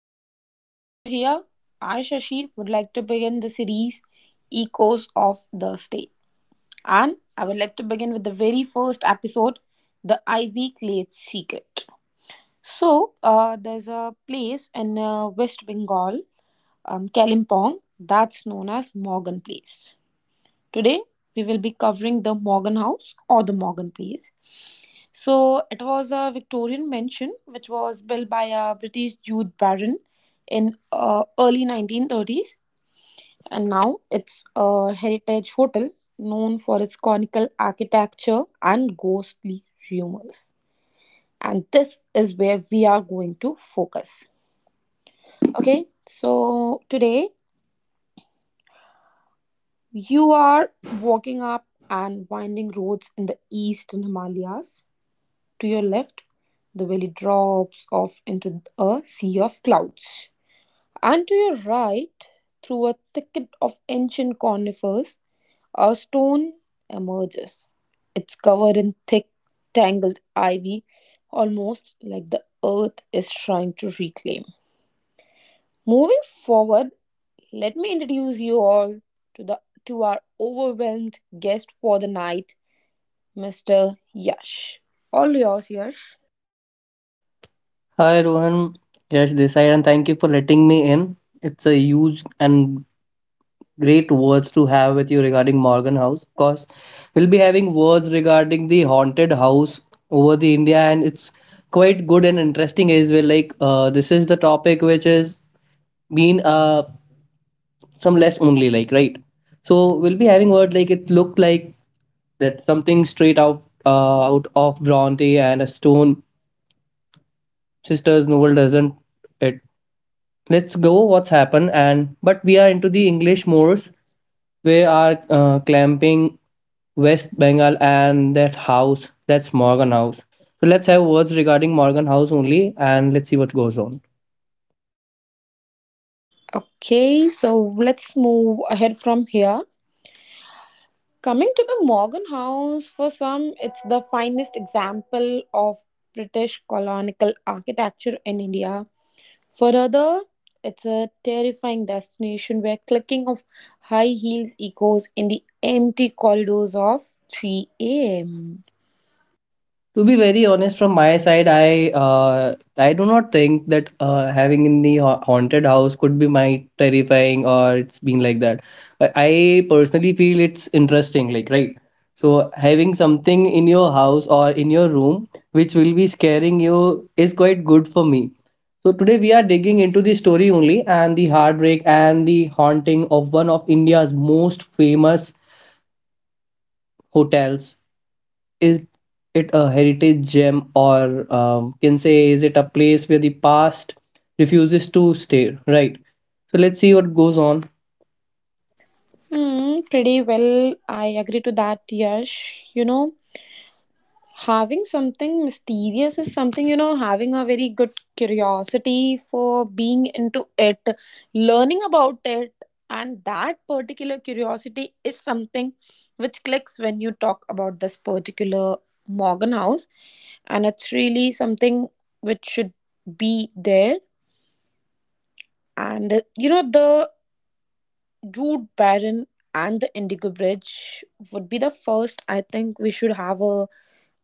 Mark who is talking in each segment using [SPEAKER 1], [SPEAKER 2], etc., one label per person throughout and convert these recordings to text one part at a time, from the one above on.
[SPEAKER 1] today. Here I, Shashi, would like to begin the series Echoes of the State. And I would like to begin with the very first episode, The Ivy Glade Secret. There's a place in West Bengal, Kalimpong, that's known as Morgan Place. Today, we will be covering the Morgan House or the Morgan Place. So, it was a Victorian mansion which was built by a British Jude Baron in early 1930s, and now it's a heritage hotel known for its conical architecture and ghostly rumors. And this is where we are going to focus. Okay, so today you are walking up and winding roads in the eastern Himalayas. To your left, the valley drops off into a sea of clouds. And to your right, through a thicket of ancient conifers, a stone emerges. It's covered in thick, tangled ivy, almost like the earth is trying to reclaim. Moving forward, let me introduce you all to the to our overwhelmed guest for the night, Mr. Yash. All yours, Yash.
[SPEAKER 2] Hi, everyone. Yes, this side, and thank you for letting me in. It's a huge and great words to have with you regarding Morgan House. Of course, we'll be having words regarding the haunted house over the India, and it's quite good and interesting as well. Like, this is the topic which has been some less only, like, right. So we'll be having word like it looked like that something straight out out of Bronte and a Stone Sisters novel, doesn't it? Let's go, what's happened, and but we are into the English moors. We are clamping West Bengal, and that house, that's Morgan House. So let's have words regarding Morgan House only and let's see what goes on.
[SPEAKER 1] Okay, so let's move ahead from here. Coming to the Morgan House, for some, it's the finest example of British colonial architecture in India. For other, it's a terrifying destination where clicking of high heels echoes in the empty corridors of 3 a.m.
[SPEAKER 2] To be very honest, from my side, I do not think that having in the haunted house could be my terrifying or it's been like that. But I personally feel it's interesting, like, right. So having something in your house or in your room which will be scaring you is quite good for me. So today we are digging into the story only, and the heartbreak and the haunting of one of India's most famous hotels. Is it a heritage gem, or can say is it a place where the past refuses to stay, right? So let's see what goes on.
[SPEAKER 1] Pretty well. I agree to that, Yash. You know, having something mysterious is something, you know, having a very good curiosity for being into it, learning about it, and that particular curiosity is something which clicks when you talk about this particular Morgan House, and it's really something which should be there. And you know, the Jude Baron and the Indigo Bridge would be the first, I think we should have a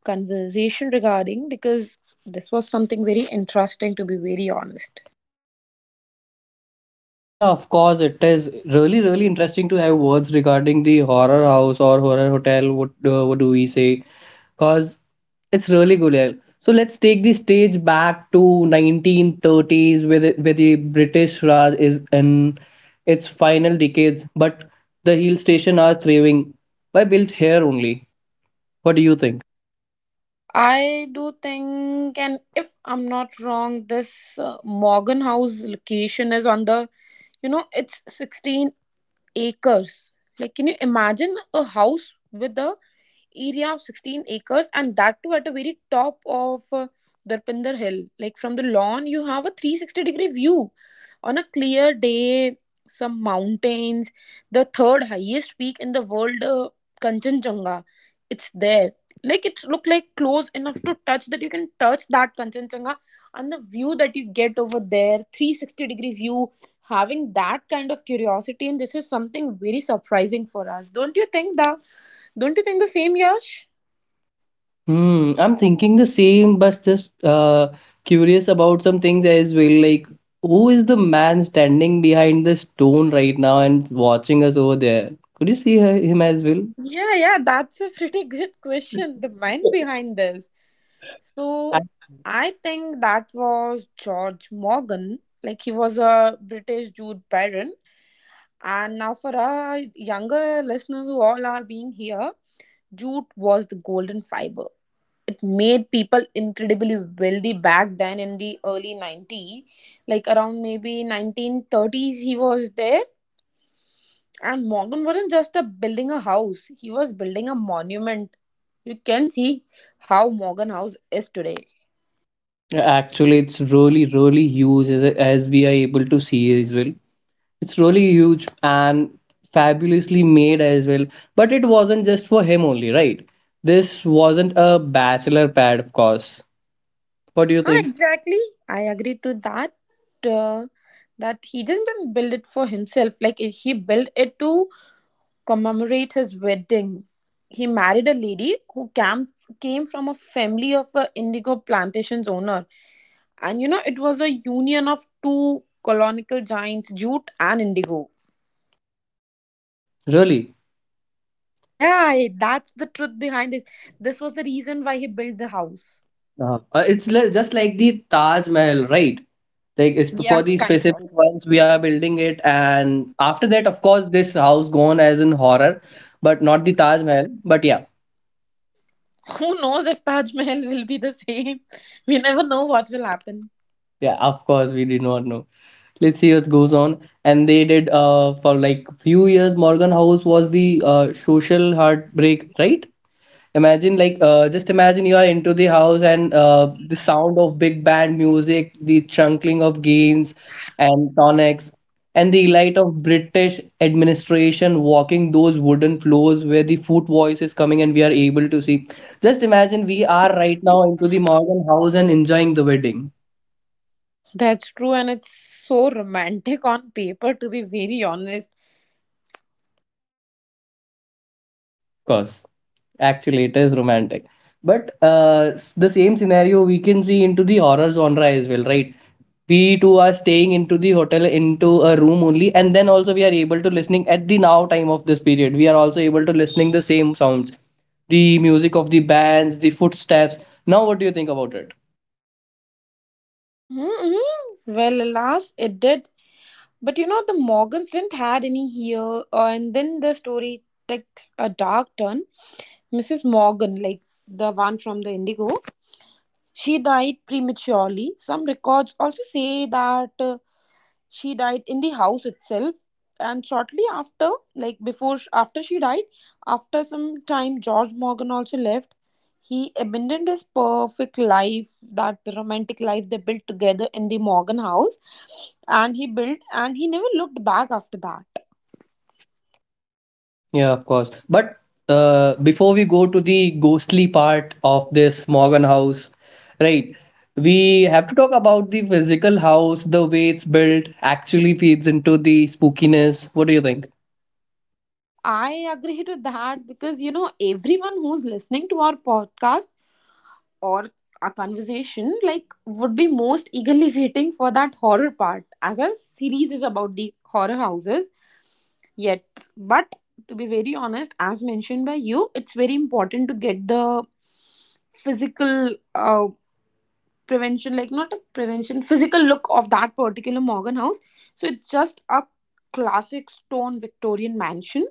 [SPEAKER 1] conversation regarding, because this was something very interesting, to be very honest.
[SPEAKER 2] Yeah, of course it is really, really interesting to have words regarding the horror house or horror hotel, what do we say? Because it's really good, yeah. So let's take the stage back to 1930s, where where the British Raj is in its final decades, but the hill station are thriving. Why built here only? What do you think?
[SPEAKER 1] I do think, and if I'm not wrong, this Morgan House location is on the, you know, it's 16 acres. Like, can you imagine a house with the area of 16 acres, and that too at the very top of Darpinder Hill? Like, from the lawn, you have a 360-degree view on a clear day, some mountains, the third highest peak in the world, Kanchenjunga. It's there. Like it's look like close enough to touch that you can touch that Kanchenjunga, and the view that you get over there, 360-degree view, having that kind of curiosity, and this is something very surprising for us. Don't you think that, don't you think the same, Yash?
[SPEAKER 2] Hmm, I'm thinking the same, but just curious about some things as well. Like, who is the man standing behind the stone right now and watching us over there? Could you see her, him as well?
[SPEAKER 1] Yeah, yeah, that's a pretty good question. The mind behind this, so
[SPEAKER 2] Ac-
[SPEAKER 1] I think that was George Morgan. Like he was a British Jude Baron, and now for our younger listeners who all are being here, jute was the golden fiber. It made people incredibly wealthy back then in the early 90s, like around maybe 1930s he was there. And Morgan wasn't just a building a house, he was building a monument. You can see how Morgan House is today.
[SPEAKER 2] Actually, it's really, really huge as we are able to see as well. It's really huge and fabulously made as well. But it wasn't just for him only, right? This wasn't a bachelor pad, of course. What do you
[SPEAKER 1] Huh,
[SPEAKER 2] think?
[SPEAKER 1] exactly. I agree to that. uh, that he didn't build it for himself. Like, he built it to commemorate his wedding. He married a lady who came from a family of a indigo plantations owner. And you know, it was a union of two colonial giants, jute and indigo.
[SPEAKER 2] Really?
[SPEAKER 1] Yeah, that's the truth behind it. This was the reason why he built the house.
[SPEAKER 2] Just like the Taj Mahal, right? Like it's for
[SPEAKER 1] Yeah,
[SPEAKER 2] the
[SPEAKER 1] kind of.
[SPEAKER 2] specific ones we are building it, and after that, of course, this house gone as in horror, but not the Taj Mahal. But yeah,
[SPEAKER 1] Who knows if Taj Mahal will be the same? We never know what will happen.
[SPEAKER 2] yeah, of course, we did not know. Let's see what goes on. And they did for like few years, Morgan House was the social heartbreak, right? Imagine like just imagine you are into the house, and the sound of big band music, the chunkling of gains and tonics, and the light of British administration walking those wooden floors where the foot voice is coming and we are able to see. Just imagine we are right now into the Morgan House and enjoying the wedding.
[SPEAKER 1] That's true, and it's so romantic on paper, to be very honest.
[SPEAKER 2] Of course. Actually it is romantic, but the same scenario we can see into the horror genre as well, right? We too are staying into the hotel, into a room only, and then also we are able to listening. At the now time of this period we are also able to listening the same sounds, the music of the bands, the footsteps. Now, what do you think about it?
[SPEAKER 1] Mm-hmm, mm-hmm. Well, alas, it did. But you know, the Morgans didn't had any here, and then the story takes a dark turn. Mrs. Morgan, like the one from the Indigo, she died prematurely. Some records also say that she died in the house itself, and shortly after, after she died, after some time George Morgan also left. He abandoned his perfect life, that romantic life they built together in the Morgan House, and he built and he never looked back after that.
[SPEAKER 2] Yeah, of course. But before we go to the ghostly part of this Morgan House, right? We have to talk about the physical house, the way it's built, actually feeds into the spookiness. What do you think?
[SPEAKER 1] I agree to that, because you know everyone who's listening to our podcast or a conversation like would be most eagerly waiting for that horror part, as our series is about the horror houses. Yet, but to be very honest, as mentioned by you, it's very important to get the physical prevention like not a prevention physical look of that particular Morgan House. So it's just a classic stone Victorian mansion.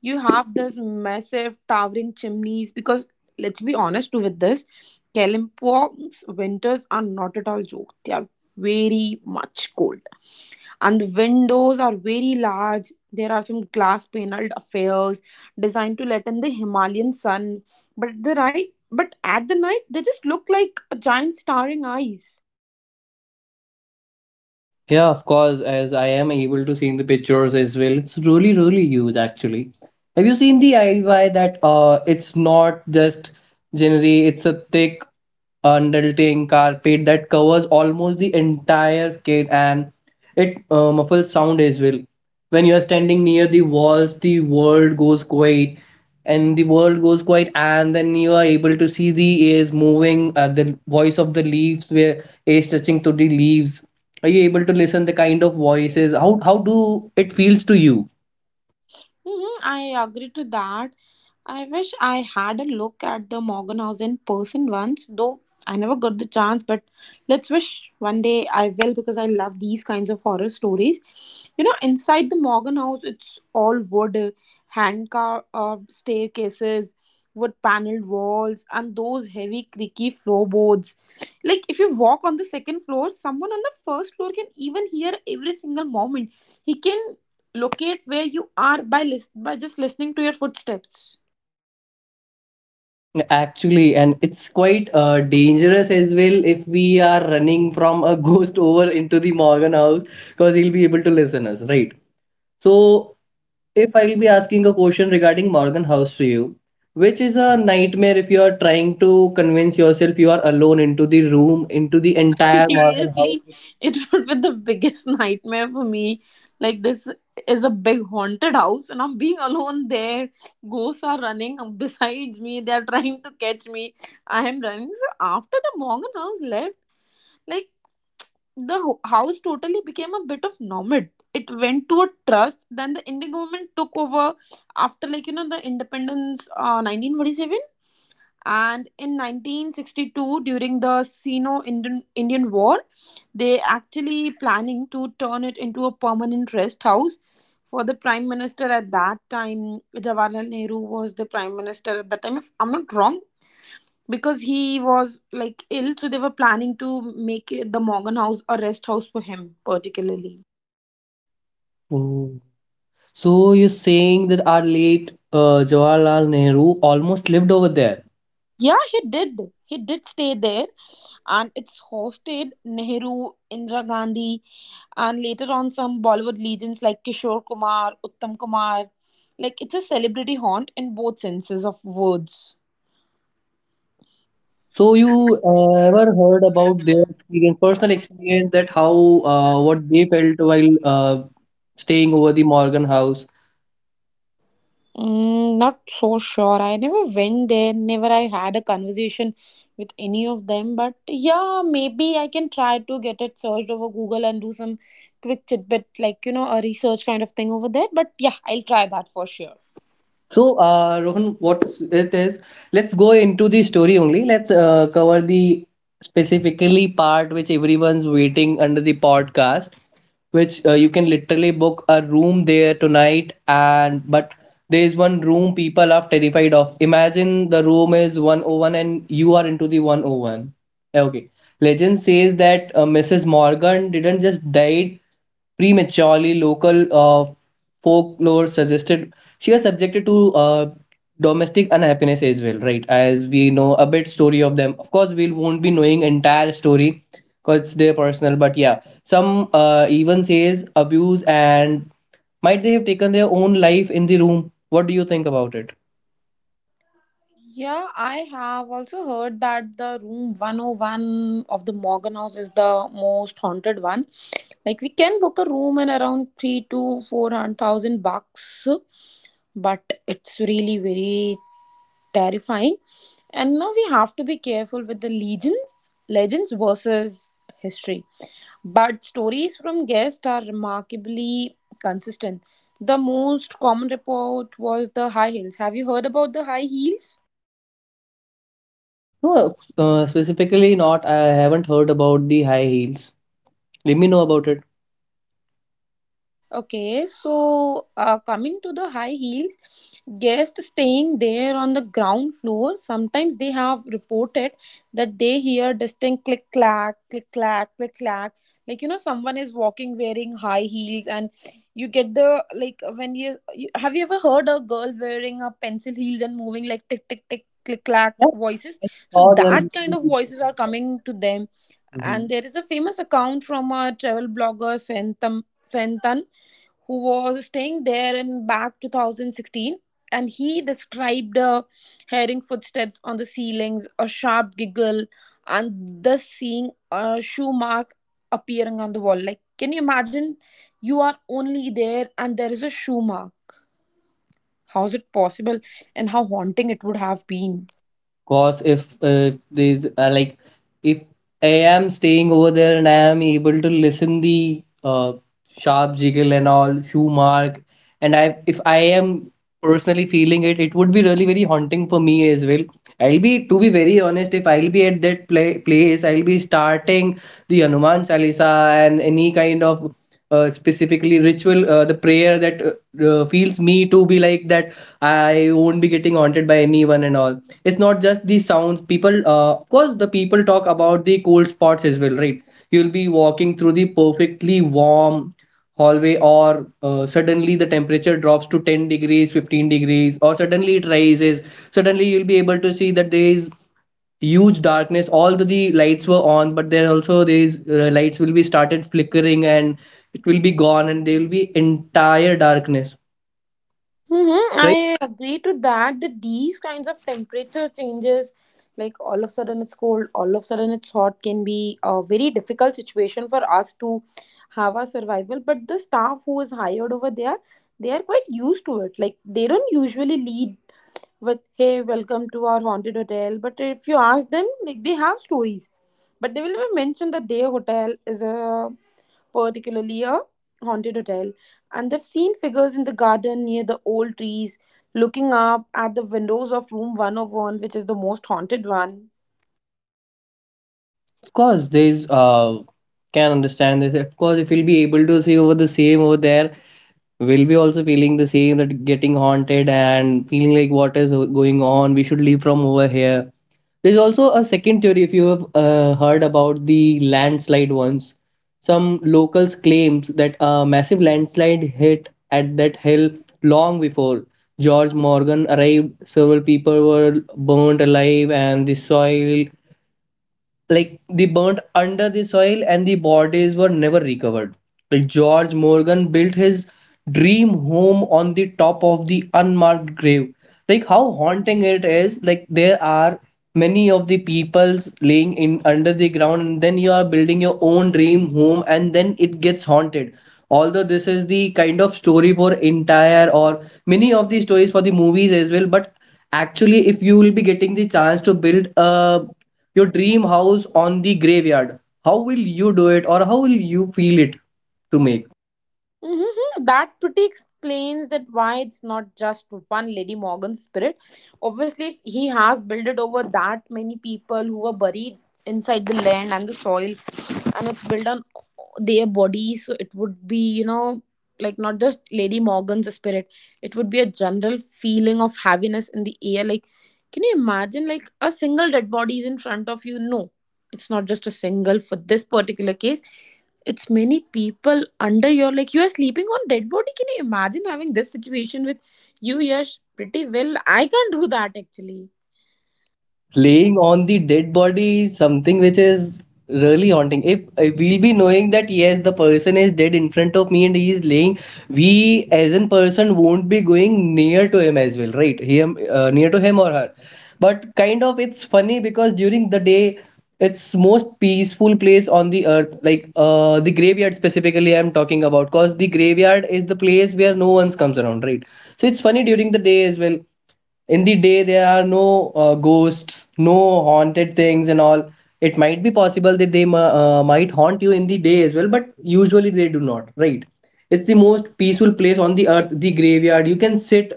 [SPEAKER 1] You have this massive towering chimneys, because let's be honest with this, Kalimpong's winters are not at all joke. They are very much cold, and the windows are very large. There are some glass paneled affairs designed to let in the Himalayan sun, but at the night, they just look like a giant staring eyes.
[SPEAKER 2] Yeah, of course, as I am able to see in the pictures as well. It's really, really huge actually. Have you seen the IY that it's not just generally it's a thick undulating carpet that covers almost the entire kit, and it muffles sound as well. When you are standing near the walls, the world goes quiet, and the world goes quiet, and then you are able to see the airs moving, the voice of the leaves where air is touching to the leaves. Are you able to listen the kind of voices? How do it feels to you?
[SPEAKER 1] I agree to that. I wish I had a look at the Morganhouse in person once, though I never got the chance. But let's wish one day I will, because I love these kinds of horror stories. You know, inside the Morgan House, it's all wood, hand carved staircases, wood paneled walls, and those heavy, creaky floorboards. Like, if you walk on the second floor, someone on the first floor can even hear every single moment. He can locate where you are by, by just listening to your footsteps.
[SPEAKER 2] Actually, and it's quite dangerous as well if we are running from a ghost over into the Morgan House, because he'll be able to listen us, right? So if I'll be asking a question regarding Morgan House to you, which is a nightmare if you are trying to convince yourself you are alone into the room, into the entire Morgan
[SPEAKER 1] Seriously,
[SPEAKER 2] House.
[SPEAKER 1] it would be the biggest nightmare for me. Like, this is a big haunted house, and I'm being alone there. Ghosts are running besides me, they're trying to catch me. I am running. So, after the Morgan house left, like, the house totally became a bit of nomad. It went to a trust. Then the Indian government took over after, like you know, the independence, 1947. And in 1962, during the Sino-Indian Indian War, they actually planning to turn it into a permanent rest house for the prime minister at that time. Jawaharlal Nehru was the prime minister at that time, if I'm not wrong, because he was like ill, so they were planning to make it, the Morgan House, a rest house for him, particularly.
[SPEAKER 2] Oh. So you're saying that our late Jawaharlal Nehru almost lived over there.
[SPEAKER 1] Yeah, he did. He did stay there, and it's hosted Nehru, Indira Gandhi, and later on some Bollywood legends like Kishore Kumar, Uttam Kumar. Like it's a celebrity haunt in both senses of words.
[SPEAKER 2] So you ever heard about their experience, personal experience, that how what they felt while staying over the Morgan House?
[SPEAKER 1] Mm, not so sure. I never went there. Never I had a conversation with any of them. But yeah, maybe I can try to get it searched over Google and do some quick tidbit, like you know, a research kind of thing over there. But yeah, I'll try that for sure.
[SPEAKER 2] So, Rohan, what it is, let's go into the story only. Let's cover the specifically part which everyone's waiting under the podcast, which you can literally book a room there tonight. And but there is one room people are terrified of. Imagine the room is 101 and you are into the 101. Okay. Legend says that Mrs. Morgan didn't just die prematurely. Local folklore suggested she was subjected to domestic unhappiness as well, right? As we know a bit story of them, of course we won't be knowing entire story, because it's their personal. But yeah, some even says abuse, and might they have taken their own life in the room? What do you think about it?
[SPEAKER 1] Yeah, I have also heard that the room 101 of the Morgan House is the most haunted one. Like we can book a room in around three to four hundred thousand bucks, but it's really very terrifying. And now we have to be careful with the legends, legends versus history. But stories from guests are remarkably consistent. The most common report was the high heels. Have you heard about the high heels?
[SPEAKER 2] No, specifically not, I haven't heard about the high heels. Let me know about it.
[SPEAKER 1] Okay, so coming to the high heels, guests staying there on the ground floor, sometimes they have reported that they hear distinct click clack, click clack, click clack. Like you know, someone is walking wearing high heels, and you get the like you have you ever heard a girl wearing a pencil heels and moving like tick tick tick click clack
[SPEAKER 2] Yeah,
[SPEAKER 1] voices?
[SPEAKER 2] I
[SPEAKER 1] So
[SPEAKER 2] saw them.
[SPEAKER 1] that kind of voices are coming to them,
[SPEAKER 2] Mhm.
[SPEAKER 1] and there is a famous account from a travel blogger Sentam, who was staying there in back 2016, and he described hearing footsteps on the ceilings, a sharp giggle, and thus seeing a shoe mark appearing on the wall. Like, can you imagine, you are only there and there is a shoe mark. How is it possible, and how haunting it would have been.
[SPEAKER 2] Cause if there's like, if I am staying over there and I am able to listen the sharp jiggle and all shoe mark, and I if I am personally feeling it, it would be really very haunting for me as well. I'll be, to be very honest, if I'll be at that play, place, I'll be starting the Hanuman Chalisa and any kind of specifically ritual, the prayer that feels me to be like that I won't be getting haunted by anyone and all. It's not just the sounds. People, of course, the people talk about the cold spots as well, right? You'll be walking through the perfectly warm hallway or suddenly the temperature drops to 10 degrees, 15 degrees, or suddenly it rises. Suddenly you'll be able to see that there is huge darkness. All the lights were on, but there also these lights will be started flickering, and it will be gone, and there will be entire darkness,
[SPEAKER 1] Mm-hmm.
[SPEAKER 2] right?
[SPEAKER 1] I agree to that. That these kinds of temperature changes, like all of a sudden it's cold, all of a sudden it's hot, can be a very difficult situation for us to have our survival. But the staff who is hired over there, they are quite used to it. Like they don't usually lead with, hey, welcome to our haunted hotel, but if you ask them, like, they have stories. But they will never mention that their hotel is a particularly a haunted hotel, and they've seen figures in the garden near the old trees looking up at the windows of room 101, which is the most haunted one.
[SPEAKER 2] Of course there is can understand this. Of course if you'll be able to see over the same over there, we'll be also feeling the same, that getting haunted and feeling like what is going on. We should leave from over here. There's also a second theory if you have heard about the landslide ones. Some locals claims that a massive landslide hit at that hill long before George Morgan arrived. Several people were burnt alive, and the soil, like they burnt under the soil and the bodies were never recovered. Like George Morgan built his dream home on the top of the unmarked grave. Like how haunting it is. Like there are many of the peoples laying in under the ground, and then you are building your own dream home, and then it gets haunted. Although this is the kind of story for entire, or many of the stories for the movies as well, but actually if you will be getting the chance to build a your dream house on the graveyard, how will you do it, or how will you feel it to make?
[SPEAKER 1] That pretty explains that why it's not just one Lady Morgan spirit. Obviously, if he has built it over that many people who were buried inside the land and the soil, and it's built on their bodies, so it would be like not just Lady Morgan's spirit. It would be a general feeling of heaviness in the air. Like, can you imagine like a single dead body is in front of you? No, it's not just a single for this particular case, it's many people under your, like, you are sleeping on dead body. Can you imagine having this situation with you? Yes, pretty well, I can't do that actually.
[SPEAKER 2] Playing on the dead body is something which is really haunting. If we'll be knowing that yes, the person is dead in front of me and he is laying, we as a person won't be going near to him as well, right? Him Near to him or her. But kind of it's funny, because during the day, it's most peaceful place on the earth, like the graveyard specifically I'm talking about, because the graveyard is the place where no one comes around, right? So it's funny during the day as well. In the day there are no ghosts, no haunted things and all. It might be possible that they might haunt you in the day as well, but usually they do not, right? It's the most peaceful place on the earth, the graveyard. You can sit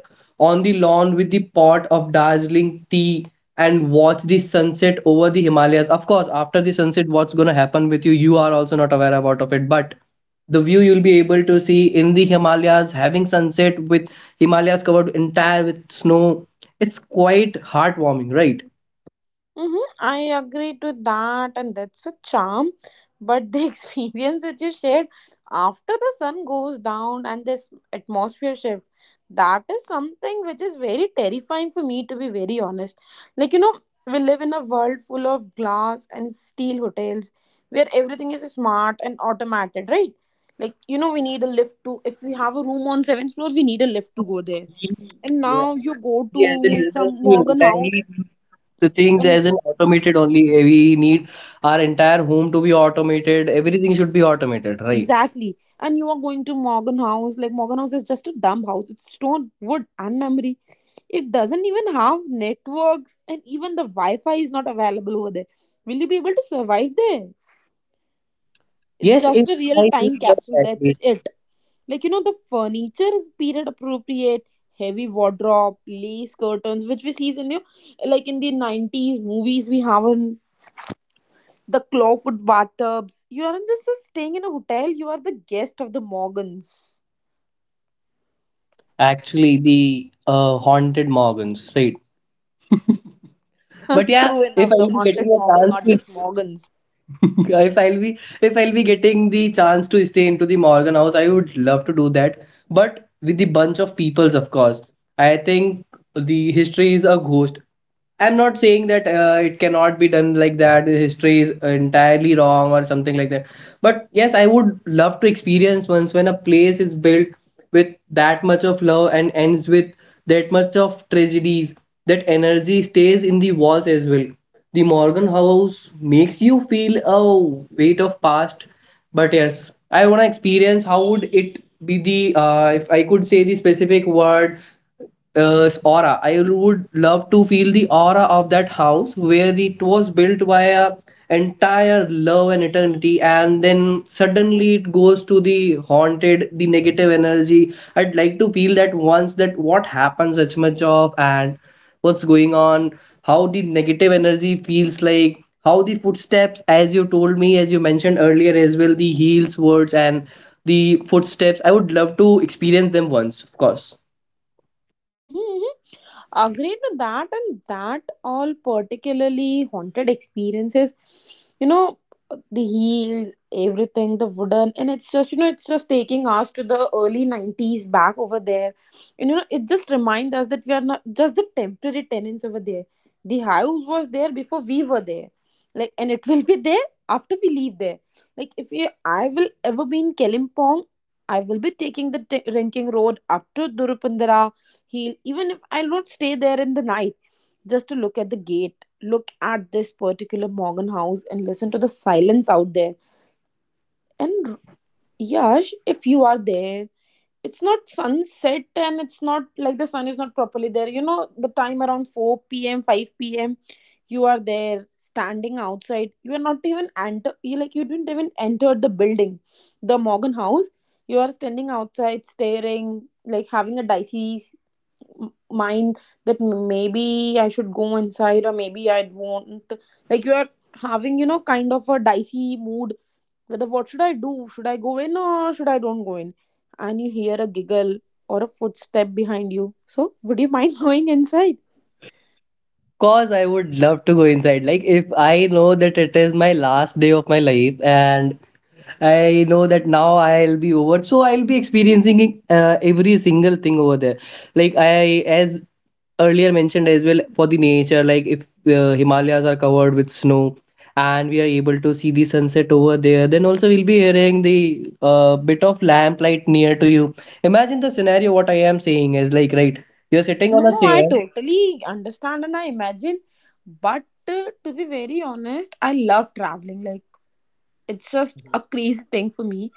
[SPEAKER 2] on the lawn with the pot of dazzling tea and watch the sunset over the Himalayas. Of course, after the sunset what's going to happen with you, you are also not aware about of it, but the view you'll be able to see in the Himalayas, having sunset with Himalayas covered entire with snow. It's quite heartwarming, right?
[SPEAKER 1] Mm-hmm. I agree to that, and that's a charm. But the experience which you shared after the sun goes down and this atmosphere shift, that is something which is very terrifying for me, to be very honest. Like, you know, we live in a world full of glass and steel hotels where everything is smart and automated, right? Like, you know, we need a lift to, if we have a room on seventh floor, we need a lift to go there.
[SPEAKER 2] We,
[SPEAKER 1] And
[SPEAKER 2] yeah,
[SPEAKER 1] now you go
[SPEAKER 2] we as a
[SPEAKER 1] to
[SPEAKER 2] humans,
[SPEAKER 1] some
[SPEAKER 2] we
[SPEAKER 1] Morgan house.
[SPEAKER 2] entirely do the things
[SPEAKER 1] And
[SPEAKER 2] as an automated only. We need our entire home to be automated. Everything should be automated, right?
[SPEAKER 1] exactly. And you are going to Morgan House. Like Morgan House is just a dumb house. It's stone, wood, and memory. It doesn't even have networks, and even the Wi-Fi is not available over there. Will you be able to survive there? It's
[SPEAKER 2] Yes,
[SPEAKER 1] just
[SPEAKER 2] it,
[SPEAKER 1] a real
[SPEAKER 2] I do
[SPEAKER 1] time
[SPEAKER 2] love
[SPEAKER 1] capsule.
[SPEAKER 2] that.
[SPEAKER 1] That's
[SPEAKER 2] bit.
[SPEAKER 1] it. Like you know, the furniture is period appropriate. Heavy wardrobe, lace curtains, which we see in you, like in the 90s movies we have in the clawfoot bathtubs. You aren't just staying in a hotel. You are the guest of the Morgans.
[SPEAKER 2] Actually, the haunted Morgans, right? But yeah,
[SPEAKER 1] True
[SPEAKER 2] if
[SPEAKER 1] enough,
[SPEAKER 2] I
[SPEAKER 1] the
[SPEAKER 2] will be
[SPEAKER 1] haunted
[SPEAKER 2] getting a
[SPEAKER 1] Morgan,
[SPEAKER 2] chance
[SPEAKER 1] not just
[SPEAKER 2] to
[SPEAKER 1] Morgans.
[SPEAKER 2] if I'll be getting the chance to stay into the Morgan House, I would love to do that. But with the bunch of peoples, of course, I think the history is a ghost. I'm not saying that it cannot be done like that. The history is entirely wrong or something like that. But yes, I would love to experience once when a place is built with that much of love and ends with that much of tragedies, that energy stays in the walls as well. The Morgan House makes you feel a weight of past. But yes, I want to experience how would it be the, if I could say the specific word, aura. I would love to feel the aura of that house, where it was built by a entire love and eternity, and then suddenly it goes to the haunted, the negative energy. I'd like to feel that once, that what happens as much of, and what's going on, how the negative energy feels like, how the footsteps, as you told me, as you mentioned earlier as well, the heels words and the footsteps, I would love to experience them once, of course.
[SPEAKER 1] Hmm, agreed with that, and that all particularly haunted experiences, you know, the heels, everything, the wooden, and it's just, you know, it's just taking us to the early 90s back over there. And you know, it just reminds us that we are not just the temporary tenants over there. The house was there before we were there, like, and it will be there after we leave there. Like if you, I will ever be in Kalimpong, I will be taking the ranking road up to Durupandara. He'll, even if I'll not stay there in the night, just to look at the gate, look at this particular Morgan house and listen to the silence out there. And Yash, if you are there, it's not sunset and it's not like the sun is not properly there, you know, the time around 4 p.m, 5 p.m, you are there standing outside, you are not even enter, you like you didn't even enter the building, the Morgan house. You are standing outside staring, like having a dicey mind that maybe I should go inside or maybe I won't. Like you are having, you know, kind of a dicey mood. Whether what should I do? Should I go in or should I don't go in? And you hear a giggle or a footstep behind you. So would you mind going inside?
[SPEAKER 2] Cause I would love to go inside. Like if I know that it is my last day of my life, and I know that now I'll be over, so I'll be experiencing every single thing over there. Like I, as earlier mentioned as well, for the nature, like if Himalayas are covered with snow and we are able to see the sunset over there, then also we'll be hearing the bit of lamplight near to you. Imagine the scenario. What I am saying is like, right, you're sitting
[SPEAKER 1] No,
[SPEAKER 2] on a
[SPEAKER 1] no, I
[SPEAKER 2] chair.
[SPEAKER 1] totally understand and I imagine. But to be very honest, I love traveling. Like, it's just a crazy thing for me.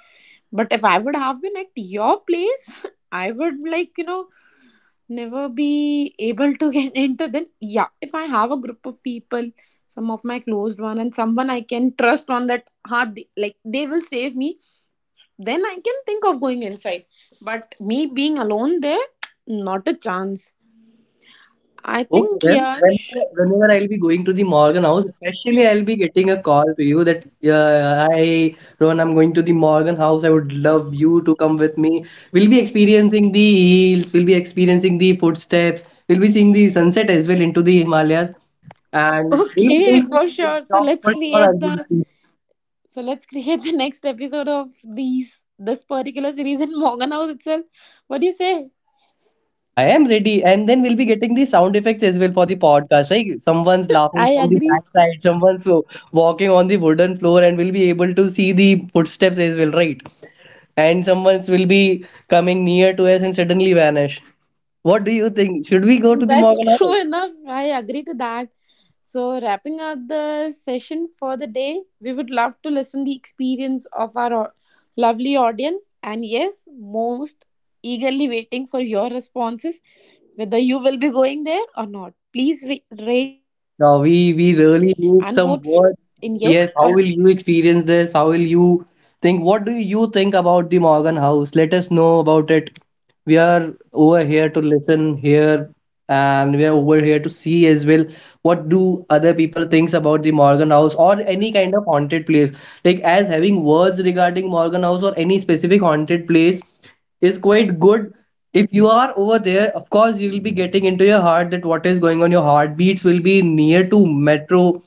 [SPEAKER 1] But if I would have been at your place, I would like, you know, never be able to get into. Then yeah, if I have a group of people, some of my closed one and someone I can trust on that hard, like they will save me, then I can think of going inside. But me being alone there, not a chance, I
[SPEAKER 2] Okay
[SPEAKER 1] think.
[SPEAKER 2] then,
[SPEAKER 1] Yeah.
[SPEAKER 2] whenever I'll be going to the Morgan House, especially I'll be getting a call to you that I, Rohan, I'm going to the Morgan House. I would love you to come with me. We'll be experiencing the hills, we'll be experiencing the footsteps, we'll be seeing the sunset as well into the Himalayas, and we'll be
[SPEAKER 1] Okay,
[SPEAKER 2] doing
[SPEAKER 1] for
[SPEAKER 2] this in
[SPEAKER 1] sure,
[SPEAKER 2] shop for sure. I'll be.
[SPEAKER 1] so let's create the next episode of these this particular series in Morgan House itself. What do you say?
[SPEAKER 2] I am ready. And then we'll be getting the sound effects as well for the podcast, right? Someone's laughing
[SPEAKER 1] I
[SPEAKER 2] from the
[SPEAKER 1] agree.
[SPEAKER 2] backside, someone's wa- walking on the wooden floor, and we'll be able to see the footsteps as well, right? And someone's will be coming near to us and suddenly vanish. What do you think? Should we go to the
[SPEAKER 1] That's
[SPEAKER 2] Morgan Hour?
[SPEAKER 1] true enough. I agree to that. So wrapping up the session for the day, we would love to listen the experience of our lovely audience, and yes, most eagerly waiting for your responses whether you will be going there or not. Please rate
[SPEAKER 2] No,
[SPEAKER 1] and
[SPEAKER 2] we
[SPEAKER 1] vote
[SPEAKER 2] we really
[SPEAKER 1] in
[SPEAKER 2] need
[SPEAKER 1] yes
[SPEAKER 2] some
[SPEAKER 1] or no.
[SPEAKER 2] words. Yes, how will you experience this? How will you think? What do you think about the Morgan House? Let us know about it. We are over here to listen, hear, and we're over here to see as well what do other people thinks about the Morgan House or any kind of haunted place. Like as having words regarding Morgan House or any specific haunted place is quite good. If you are over there, of course you will be getting into your heart that what is going on. Your heartbeats will be near to metro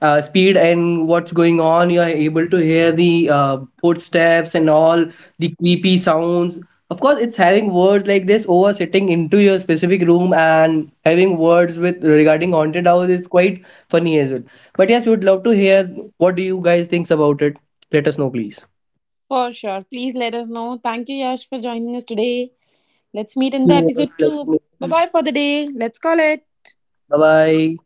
[SPEAKER 2] speed and what's going on. You are able to hear the footsteps and all the creepy sounds. Of course, it's having words like this over sitting into your specific room and having words with regarding haunted house is quite funny as well. But yes, we would love to hear what do you guys thinks about it. Let us know, please.
[SPEAKER 1] For sure. Please let us know. Thank you Yash for joining us today. Let's meet
[SPEAKER 2] Thank
[SPEAKER 1] in the
[SPEAKER 2] you. all
[SPEAKER 1] episode
[SPEAKER 2] for
[SPEAKER 1] two.
[SPEAKER 2] letting
[SPEAKER 1] Bye
[SPEAKER 2] me.
[SPEAKER 1] bye for the day. Let's call it.
[SPEAKER 2] Bye bye.